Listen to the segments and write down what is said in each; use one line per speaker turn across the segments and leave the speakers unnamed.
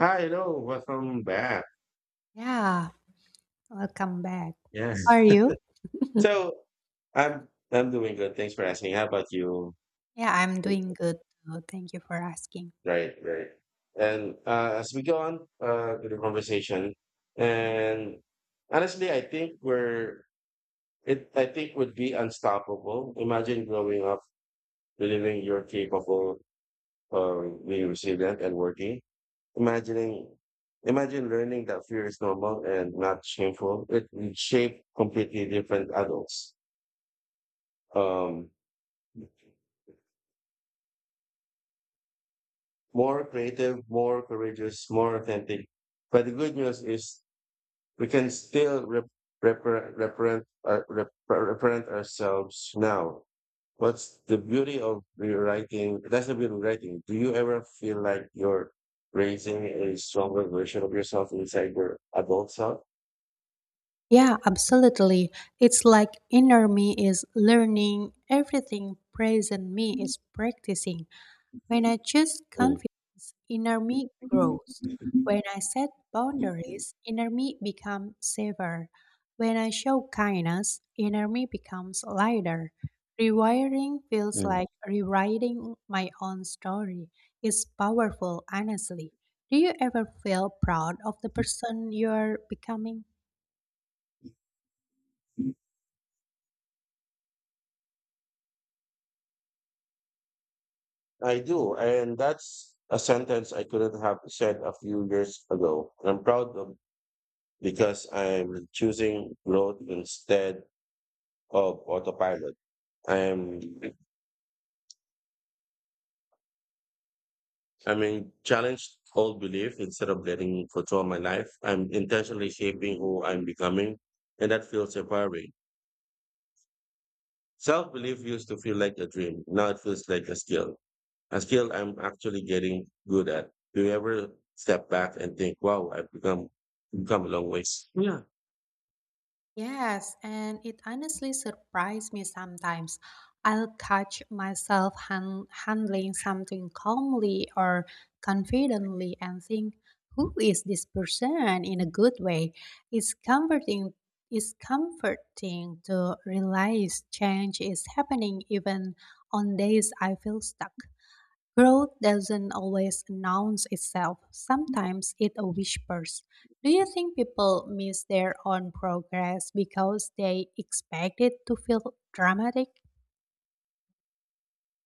Hi, hello, welcome back.
Yeah, welcome back. How
Yes.
are you?
So I'm doing good. Thanks for asking. How about you?
Yeah, I'm doing good. Too. Thank you for asking.
Right, right. And as we go on to the conversation,
Mhm.
and honestly, I think would be unstoppable. Imagine growing up, believing you're capable of being resilient and working. Imagining, imagine learning that fear is normal and not shameful. It will shape completely different adults. Um, More creative, more courageous, more authentic. But the good news is we can still represent ourselves now. What's the beauty of rewriting? That's the beauty of writing. Do you ever feel like you're raising a stronger version of yourself inside your adult self?
Yeah, absolutely. It's like inner me is learning, everything present me is practicing. When I choose
Mm.
confidence, inner me grows. When I set boundaries, inner me becomes safer. When I show kindness, inner me becomes lighter. Rewiring feels
Mm.
like rewriting my own story. It's powerful, honestly. Do you ever feel proud of the person you're becoming?
I do. And that's a sentence I couldn't have said a few years ago. And I'm proud of because I am choosing growth instead of autopilot. I am I mean challenged old belief instead of letting control my life. I'm intentionally shaping who I'm becoming and that feels empowering. Self belief used to feel like a dream. Now it feels like a skill. A skill I'm actually getting good at. Do you ever step back and think, wow, I've become a long ways? Yeah.
Yes, and it honestly surprised me sometimes. I'll catch myself handling something calmly or confidently and think, who is this person in a good way? It's comforting it's comforting to realize change is happening even on days I feel stuck. Growth doesn't always announce itself, sometimes it whispers. Do you think people miss their own progress because they expect it to feel dramatic?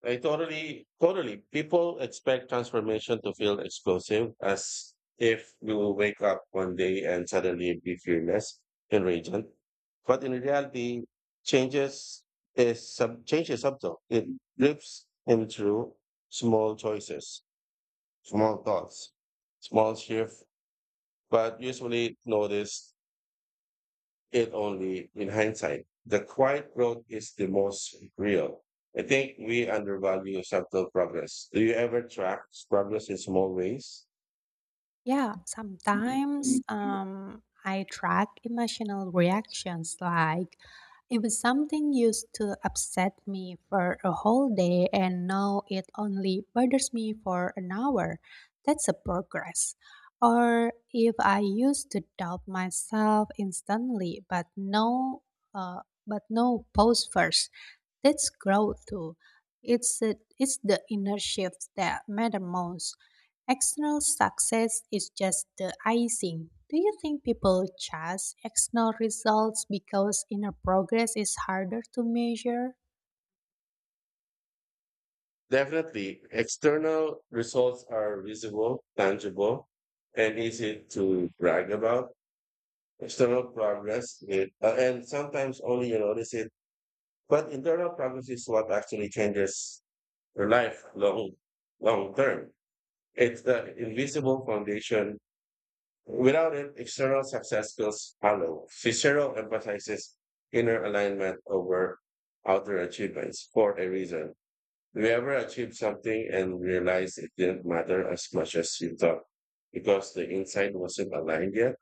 I totally. People expect transformation to feel explosive, as if you will wake up one day and suddenly be fearless and radiant. But in reality, changes change is subtle. It drips in through small choices, small thoughts, small shift, but usually noticed it only in hindsight. The quiet growth is the most real. I think we undervalue subtle progress. Do you ever track progress in small ways?
Yeah, sometimes I track emotional reactions. Like, if it's something used to upset me for a whole day and now it only bothers me for an hour, that's a progress. Or if I used to doubt myself instantly, uh, but no pause first, that's growth too. It's the inner shifts that matter most. External success is just the icing. Do you think people chase external results because inner progress is harder to measure?
Definitely, external results are visible, tangible, and easy to brag about. External progress, and sometimes only you notice it, but internal progress is what actually changes your life long term. It's the invisible foundation. Without it, external success feels hollow. Cicero emphasizes inner alignment over outer achievements for a reason. Have you ever achieved something and realized it didn't matter as much as you thought because the inside wasn't aligned yet?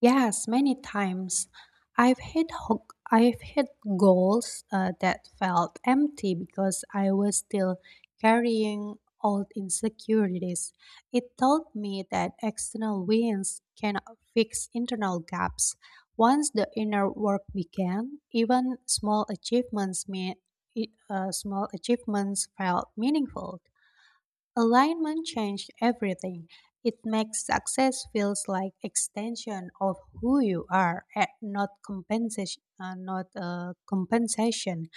Yes, many times. I've hit goals that felt empty because I was still carrying old insecurities. It taught me that external wins cannot fix internal gaps. Once the inner work began, even small achievements felt meaningful. Alignment changed everything. It makes success feels like extension of who you are, and not compensation. Not a compensation.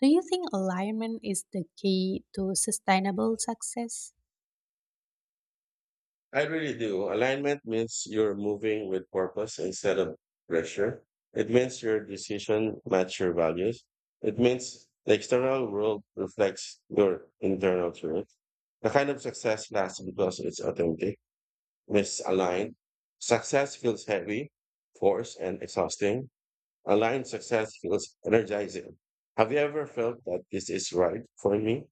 Do you think alignment is the key to sustainable success?
I really do. Alignment means you're moving with purpose instead of pressure. It means your decision match your values. It means the external world reflects your internal truth. The kind of success lasts because it's authentic, misaligned. Success feels heavy, forced, and exhausting. Aligned success feels energizing. Have you ever felt that this is right for me?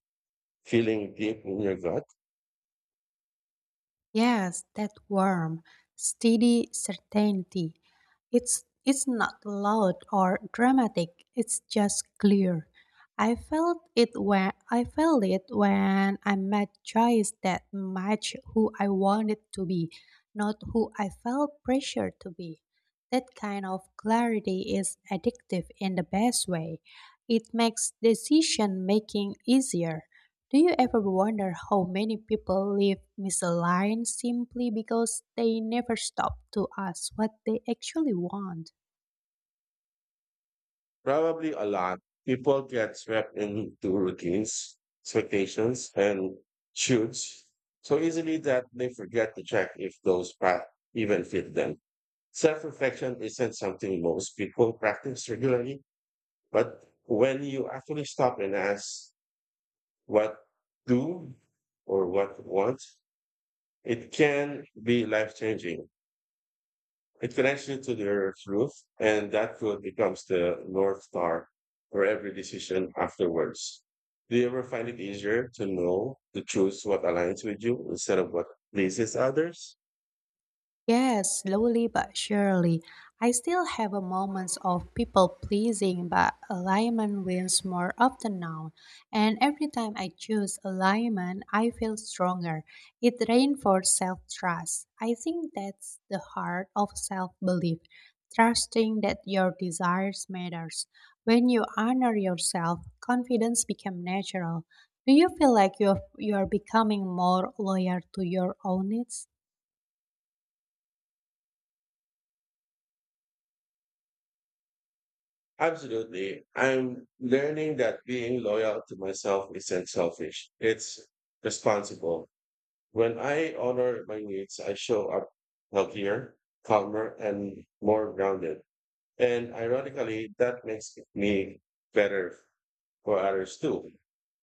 Feeling deep in your gut?
Yes, that warm, steady certainty. It's not loud or dramatic. It's just clear. I felt it when I met Joyce that match who I wanted to be, not who I felt pressured to be. That kind of clarity is addictive in the best way. It makes decision making easier. Do you ever wonder how many people live misaligned simply because they never stop to ask what they actually want?
Probably a lot. People get swept into routines, expectations, and shoots so easily that they forget to check if those paths even fit them. Self reflection isn't something most people practice regularly, but when you actually stop and ask what do or what want, it can be life changing. It connects you to the Earth's roof, and that food becomes the North Star for every decision afterwards. Do you ever find it easier to know to choose what aligns with you instead of what pleases others?
Yes, slowly but surely. I still have a moments of people pleasing, but alignment wins more often now. And every time I choose alignment, I feel stronger. It reinforces self trust. I think that's the heart of self belief, trusting that your desires matters. When you honor yourself, confidence becomes natural. Do you feel like you're becoming more loyal to your own needs?
Absolutely. I'm learning that being loyal to myself isn't selfish, it's responsible. When I honor my needs, I show up healthier, calmer, and more grounded. And ironically, that makes me better for others too.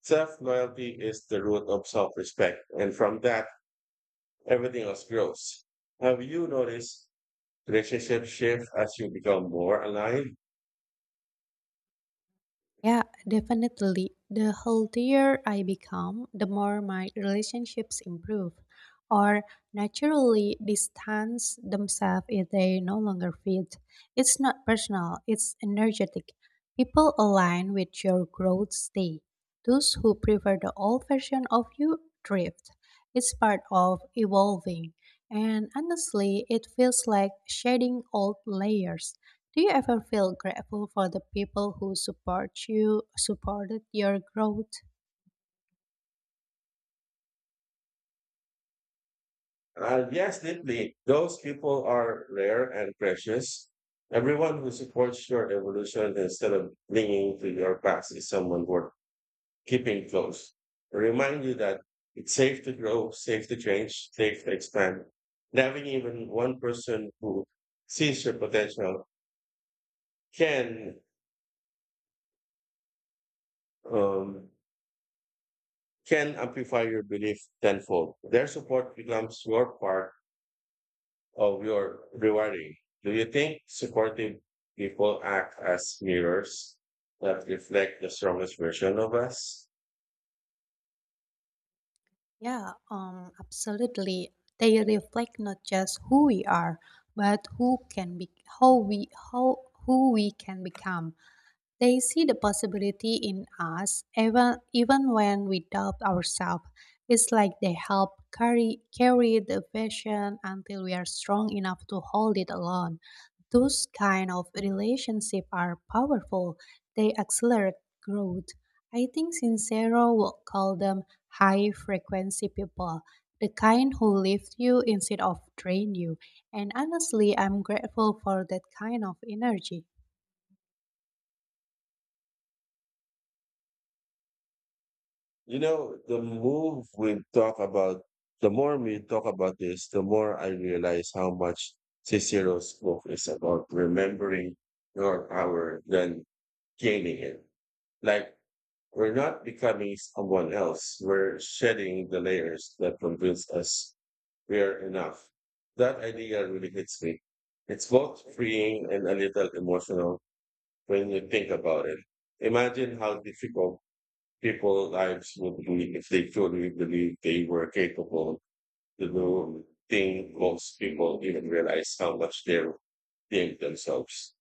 Self loyalty is the root of self respect, and from that, everything else grows. Have you noticed relationships shift as you become more aligned?
Yeah, definitely. The healthier I become, the more my relationships improve or naturally distance themselves if they no longer fit. It's not personal, it's energetic. People align with your growth state. Those who prefer the old version of you drift. It's part of evolving. And honestly, it feels like shedding old layers. Do you ever feel grateful for the people who support you, supported your growth?
Yes, deeply. Those people are rare and precious. Everyone who supports your evolution instead of clinging to your past is someone worth keeping close. Remind you that it's safe to grow, safe to change, safe to expand. Having even one person who sees your potential can um, can amplify your belief tenfold. Their support becomes your part of your rewarding. Do you think supportive people act as mirrors that reflect the strongest version of us?
Yeah, absolutely. They reflect not just who we are, but who can be, how we, how who we can become. They see the possibility in us even when we doubt ourselves. It's like they help carry the vision until we are strong enough to hold it alone. Those kind of relationships are powerful. They accelerate growth. I think Sincero would call them high frequency people, the kind who lift you instead of drain you. And honestly, I'm grateful for that kind of energy.
You know, the more we talk about this, the more I realize how much Cicero's book is about remembering your power than gaining it. Like, we're not becoming someone else. We're shedding the layers that convince us we are enough. That idea really hits me. It's both freeing and a little emotional when you think about it. Imagine how difficult people's lives would be if they truly believed they were capable to do things most people even realize how much they're doing themselves.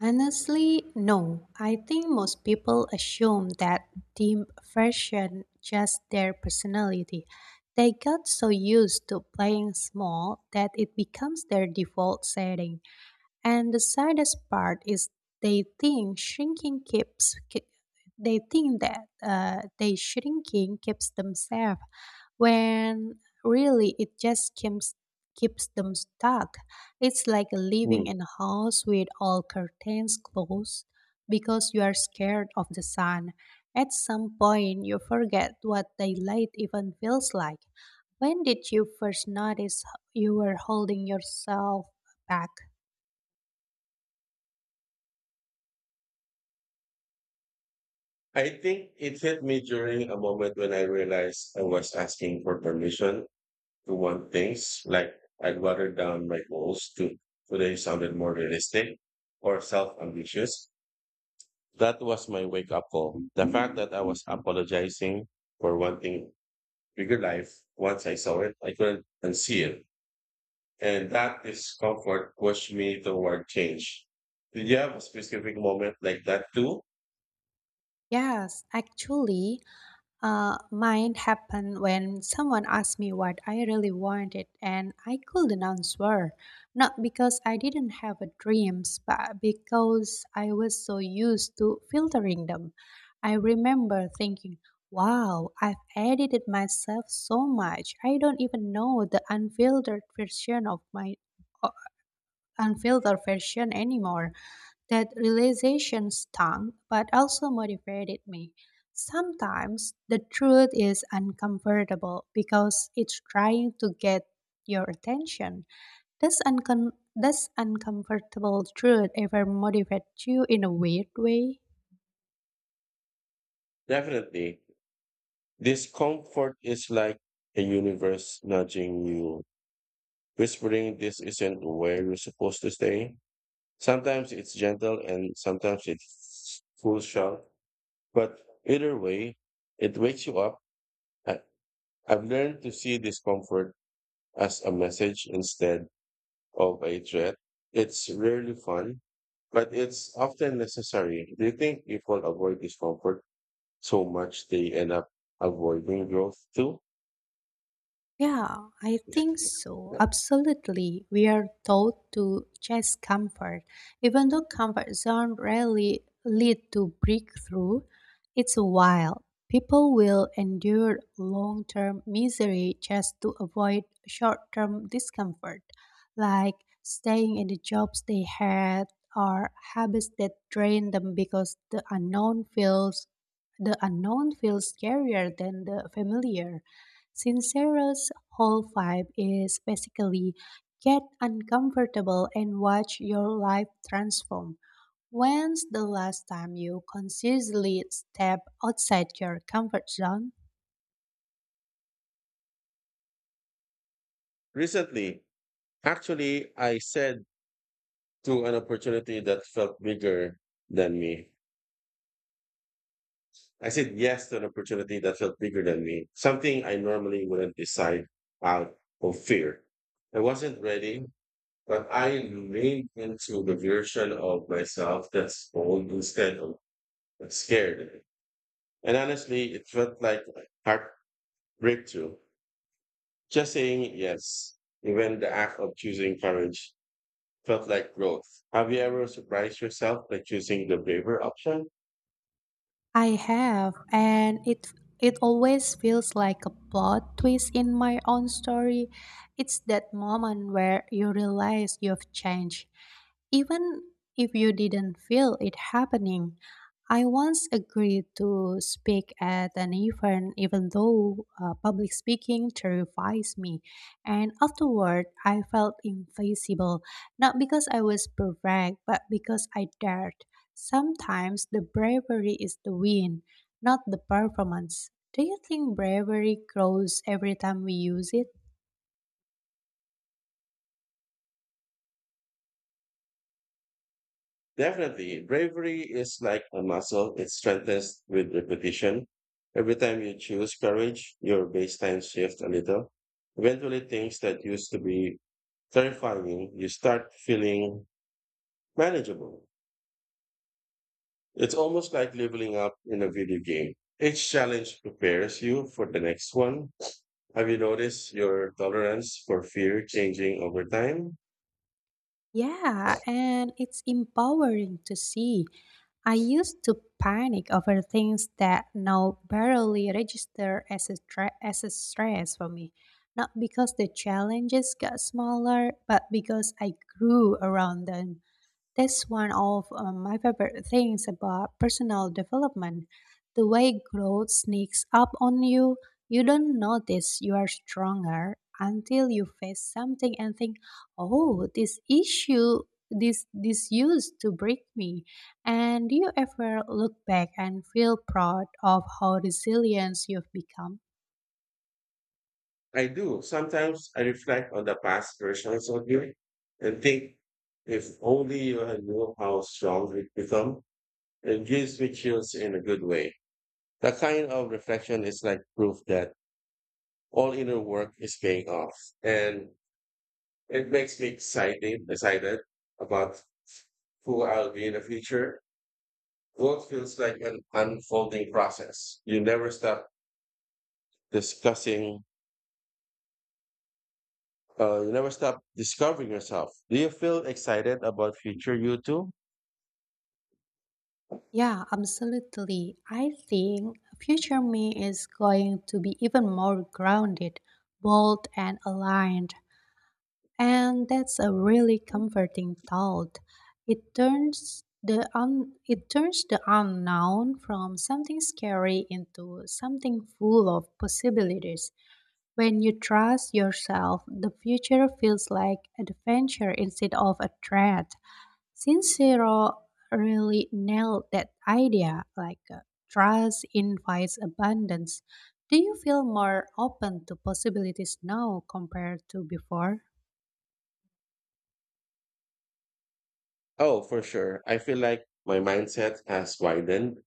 Honestly, no. I think most people assume that dim version just their personality. They got so used to playing small that it becomes their default setting. And the saddest part is they think shrinking keeps ki- they think that they shrinking keeps them safe when really it just keeps them stuck. It's like
Hmm.
living in a house with all curtains closed because you are scared of the sun. At some point you forget what daylight even feels like. When did you first notice you were holding yourself back?
I think it hit me during a moment when I realized I was asking for permission to one things like I'd water down my goals to today sounded more realistic or self ambitious. That was my wake up call. The fact that I was apologizing for wanting bigger life once I saw it, I couldn't unsee it. And that discomfort pushed me toward change. Did you have a specific moment like that too?
Yes, actually, mine happened when someone asked me what I really wanted and I couldn't answer. Not because I didn't have a dreams, but because I was so used to filtering them. I remember thinking, wow, I've edited myself so much. I don't even know the unfiltered version of my uh, unfiltered version anymore. That realization stung, but also motivated me. Sometimes the truth is uncomfortable because it's trying to get your attention. Does, uncom- does uncomfortable truth ever motivate you in a weird way?
Definitely. Discomfort is like a universe nudging you, whispering this isn't where you're supposed to stay. Sometimes it's gentle and sometimes it's full shock, but either way, it wakes you up. I, I've learned to see discomfort as a message instead of a threat. It's rarely fun, but it's often necessary. Do you think people avoid discomfort so much they end up avoiding growth too?
Yeah, I think so. Absolutely. We are taught to chase comfort. Even though comfort zone rarely lead to breakthrough, it's wild. People will endure long-term misery just to avoid short-term discomfort, like staying in the jobs they had or habits that drain them because the unknown feels scarier than the familiar. Sincero's whole vibe is basically get uncomfortable and watch your life transform. When's the last time you consciously stepped outside your comfort zone?
Recently, actually, I said to an opportunity that felt bigger than me. I said yes to an opportunity that felt bigger than me, something I normally wouldn't decide out of fear. I wasn't ready, but I leaned into the version of myself that's bold instead of scared. And honestly, it felt like a heart breakthrough. Just saying yes, even the act of choosing courage felt like growth. Have you ever surprised yourself by choosing the braver option?
I have, and it always feels like a plot twist in my own story. It's that moment where you realize you've changed, even if you didn't feel it happening. I once agreed to speak at an event, even though public speaking terrifies me. And afterward, I felt invincible, not because I was perfect, but because I dared. Sometimes the bravery is the win, not the performance. Do you think bravery grows every time we use it?
Definitely, bravery is like a muscle, it strengthens with repetition. Every time you choose courage, your baseline shifts a little. Eventually, things that used to be terrifying, you start feeling manageable. It's almost like leveling up in a video game. Each challenge prepares you for the next one. Have you noticed your tolerance for fear changing over time?
Yeah, and it's empowering to see. I used to panic over things that now barely register as a stress for me. Not because the challenges got smaller, but because I grew around them. That's one of my favorite things about personal development. The way growth sneaks up on you, you don't notice you are stronger until you face something and think, "Oh, this issue this this used to break me." And do you ever look back and feel proud of how resilient you've become?
I do. Sometimes I reflect on the past versions of you and think if only you had knew how strong it become, it gives me chills in a good way. That kind of reflection is like proof that all inner work is paying off. And it makes me excited about who I'll be in the future. Growth feels like an unfolding process. You never stop discussing, you never stop discovering yourself. Do you feel excited about future you too?
Yeah, absolutely. I think future me is going to be even more grounded, bold, and aligned. And that's a really comforting thought. It turns the unknown from something scary into something full of possibilities. When you trust yourself, the future feels like adventure instead of a threat. Since Sincero really nailed that idea like trust invites abundance. Do you feel more open to possibilities now compared to before?
Oh, for sure. I feel like my mindset has widened.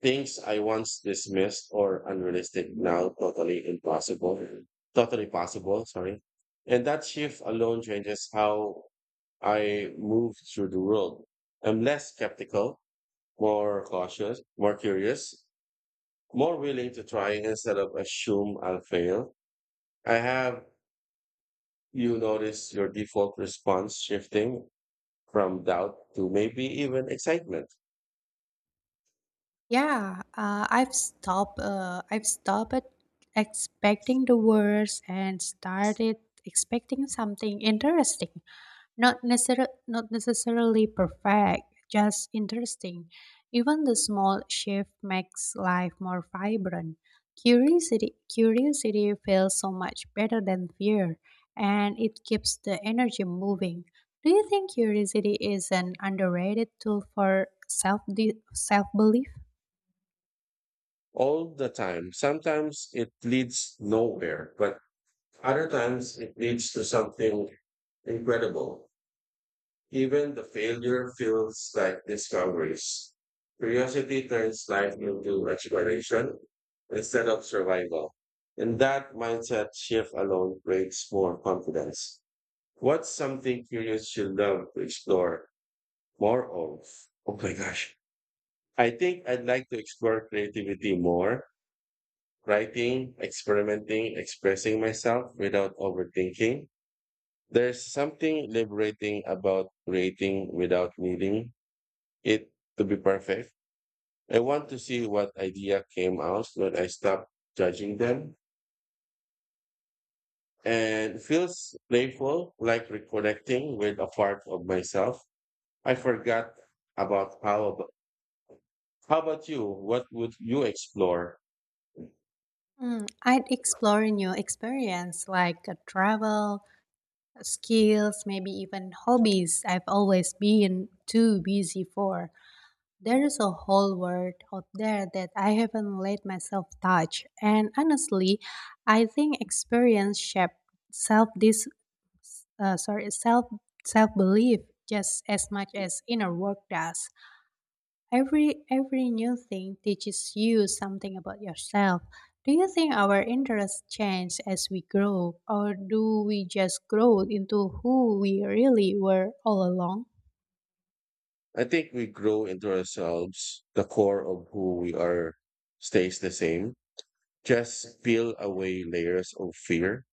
Things I once dismissed or unrealistic now totally possible, sorry. And that shift alone changes how I move through the world. I'm less skeptical, more cautious, more curious, more willing to try instead of assume I'll fail. I have you notice your default response shifting from doubt to maybe even excitement
Yeah, I've stopped expecting the worst and started expecting something interesting. Not necessarily perfect, just interesting. Even the small shift makes life more vibrant. Curiosity feels so much better than fear and it keeps the energy moving. Do you think curiosity is an underrated tool for self belief?
all the time. Sometimes it leads nowhere, but other times it leads to something incredible. Even the failure feels like discoveries. Curiosity turns life into exploration instead of survival. And that mindset shift alone creates more confidence. What's something curious you love to explore more of? Oh my gosh. I think I'd like to explore creativity more, writing, experimenting, expressing myself without overthinking. There's something liberating about creating without needing it to be perfect. I want to see what idea came out when I stop judging them. And it feels playful, like reconnecting with a part of myself. I forgot about how about, how about you? What would you explore?
Mm, I'd explore a new experience like travel, skills, maybe even hobbies I've always been too busy for. There is a whole world out there that I haven't let myself touch, and honestly, I think experience shape self this sorry self self belief just as much as inner work does. Every new thing teaches you something about yourself. Do you think our interests change as we grow, or do we just grow into who we really were all along?
I think we grow into ourselves. The core of who we are stays the same. Just peel away layers of fear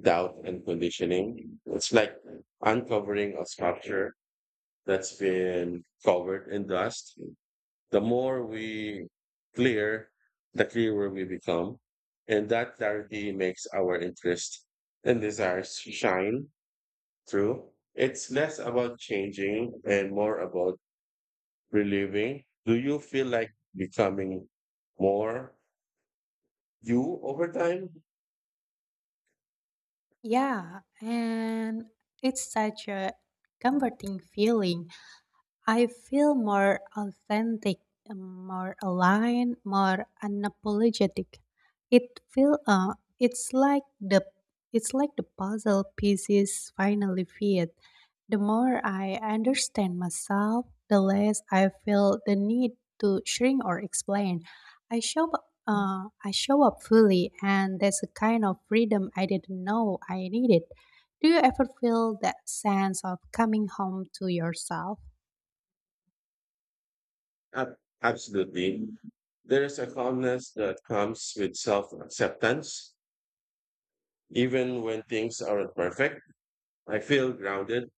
doubt and conditioning. It's like uncovering a sculpture that's been covered in dust. The more we clear, the clearer we become. And that clarity makes our interest and desires shine through. It's less about changing and more about reliving. Do you feel like becoming more you over time?
Yeah, and it's such a comforting feeling I feel more authentic, more aligned, more unapologetic. It feel uh, it's like the it's like the puzzle pieces finally fit. The more I understand myself, the less I feel the need to shrink or explain. I show up fully, and that's a kind of freedom I didn't know I needed. Do you ever feel that sense of coming home to yourself?
Ab- Absolutely. There is a calmness that comes with self acceptance. Even when things aren't perfect, I feel grounded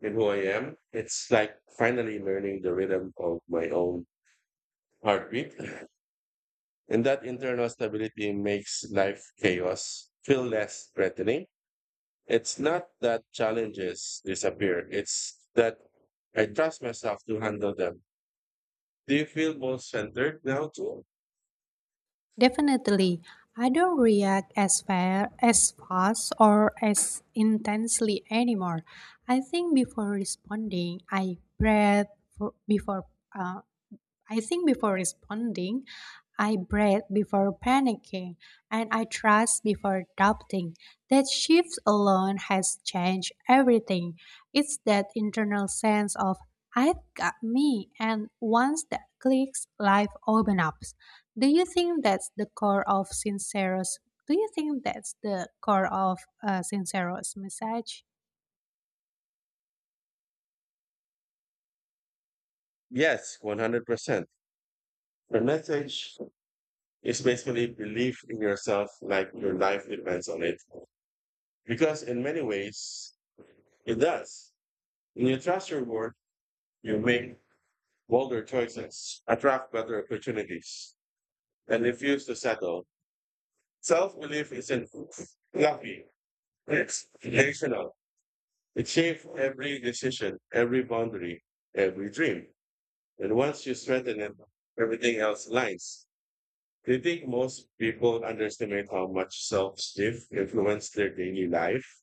in who I am. It's like finally learning the rhythm of my own heartbeat. And that internal stability makes life chaos feel less threatening. It's not that challenges disappear, it's that I trust myself to handle them. Do you feel more centered now, too?
Definitely, I don't react as fast or as intensely anymore. I think before responding, I breathe for, before. I think before responding, I breathe before panicking, and I trust before doubting. That shift alone has changed everything. It's that internal sense of I've got me, and once that clicks, life opens up. Do you think that's the core of Sincero's? Do you think that's the core of Sincero's message?
Yes, 100%. The message is basically believe in yourself like your life depends on it. Because in many ways, it does. When you trust your work, you make bolder choices, attract better opportunities, and refuse to settle. Self belief isn't fluffy, it's foundational. It shapes every decision, every boundary, every dream. And once you strengthen it, everything else aligns. Do you think most people underestimate how much self esteem influence their daily life?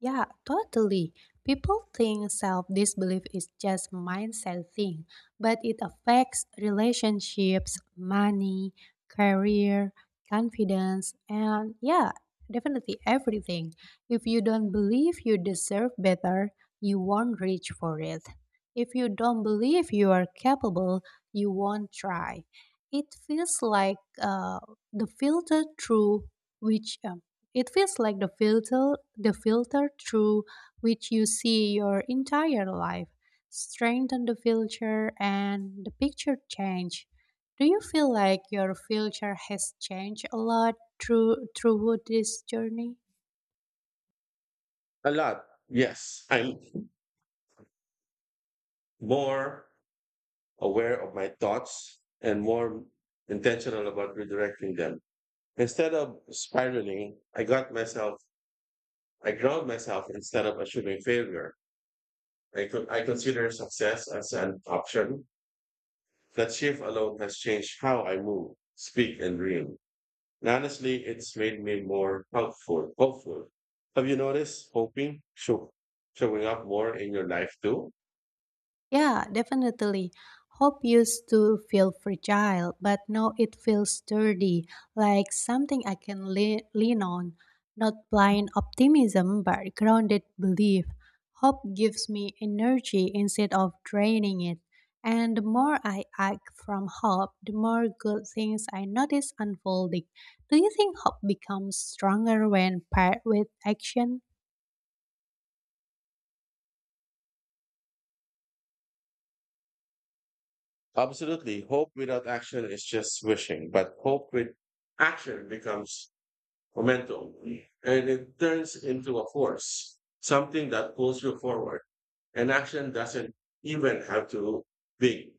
Yeah, totally. People think self disbelief is just a mindset thing, but it affects relationships, money, career, confidence, and yeah, definitely everything. If you don't believe you deserve better, you won't reach for it. If you don't believe you are capable, you won't try. It feels like the filter through which it feels like the filter through which you see your entire life. Strengthen the filter and the picture change. Do you feel like your filter has changed a lot throughout this journey?
A lot, yes. I'm more aware of my thoughts and more intentional about redirecting them. Instead of spiraling, I ground myself instead of assuming failure. I consider success as an option. That shift alone has changed how I move, speak, and dream. And honestly, it's made me more helpful, hopeful. Have you noticed showing up more in your life too?
Yeah, definitely. Hope used to feel fragile, but now it feels sturdy, like something I can lean on. Not blind optimism, but grounded belief. Hope gives me energy instead of draining it. And the more I act from hope, the more good things I notice unfolding. Do you think hope becomes stronger when paired with action?
Absolutely. Hope without action is just wishing, but hope with action becomes momentum and it turns into a force, something that pulls you forward. And action doesn't even have to be.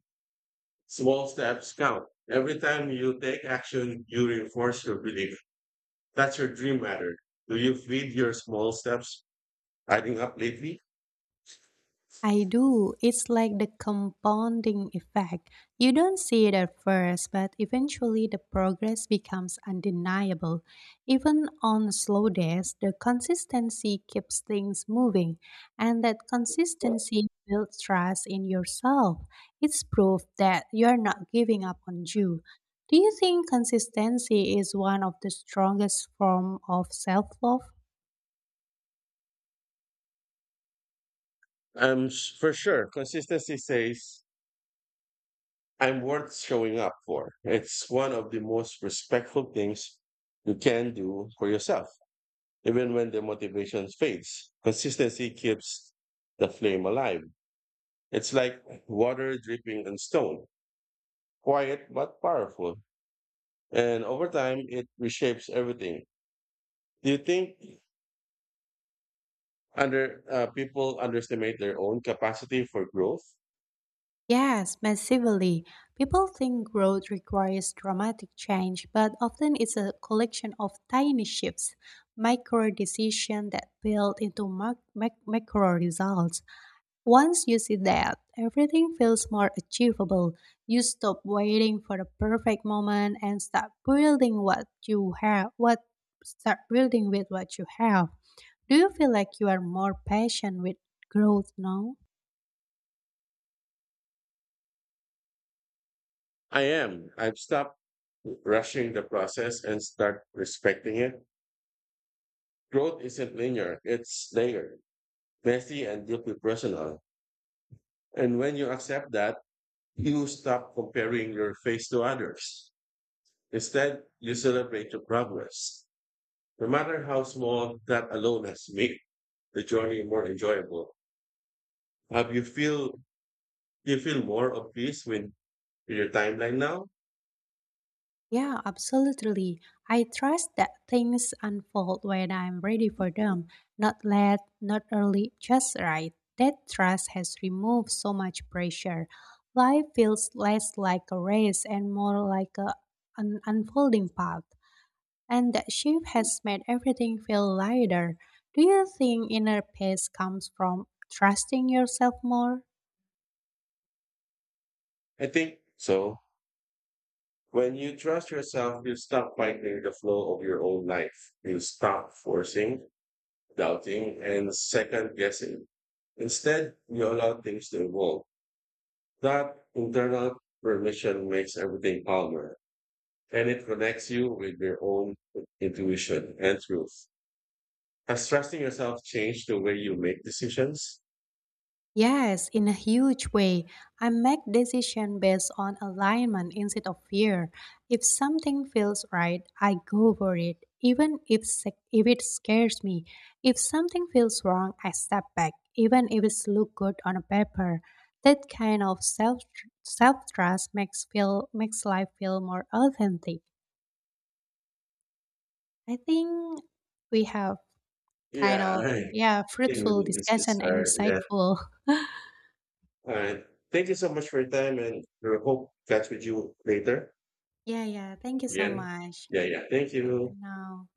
Small steps count. Every time you take action, you reinforce your belief that's your dream matter. Do you feed your small steps adding up lately?
I do. It's like the compounding effect. You don't see it at first, but eventually the progress becomes undeniable. Even on slow days, the consistency keeps things moving, and that consistency builds trust in yourself. It's proof that you're not giving up on you. Do you think consistency is one of the strongest form of self-love?
For sure. Consistency says I'm worth showing up for. It's one of the most respectful things you can do for yourself, even when the motivation fades. Consistency keeps the flame alive. It's like water dripping on stone, quiet but powerful. And over time, it reshapes everything. Do you think under people underestimate their own capacity for growth.
Yes, massively. People think growth requires dramatic change, but often it's a collection of tiny shifts, micro decisions that build into macro results. Once you see that, everything feels more achievable. You stop waiting for the perfect moment and start building what you have, what start building with what you have. Do you feel like you are more patient with growth now?
I am. I've stopped rushing the process and start respecting it. Growth isn't linear; it's layered, messy, and deeply personal. And when you accept that, you stop comparing your face to others. Instead, you celebrate your progress, no matter how small. That alone has made the journey more enjoyable. Have you feel You feel more of peace with your timeline now?
Yeah, absolutely. I trust that things unfold when I'm ready for them, not late, not early, just right. That trust has removed so much pressure. Life feels less like a race and more like an unfolding path. And that shift has made everything feel lighter. Do you think inner peace comes from trusting yourself more?
I think so. When you trust yourself, you stop fighting the flow of your own life. You stop forcing, doubting, and second guessing. Instead, you allow things to evolve. That internal permission makes everything calmer and it connects you with your own intuition and truth. Has trusting yourself changed the way you make decisions?
Yes, in a huge way. I make decisions based on alignment instead of fear. If something feels right, I go for it, even if, sec- if it scares me. If something feels wrong, I step back, even if it looks good on a paper. That kind of self trust makes life feel more authentic. I think we have kind
Yeah,
of
I
yeah
think
fruitful
really this is
discussion and
yeah.
insightful.
All right. Thank you so much for your time and we hope catch with you later.
Yeah, yeah. Thank you so
Yeah.
much.
Yeah, yeah. Thank
Bye for
you.
now.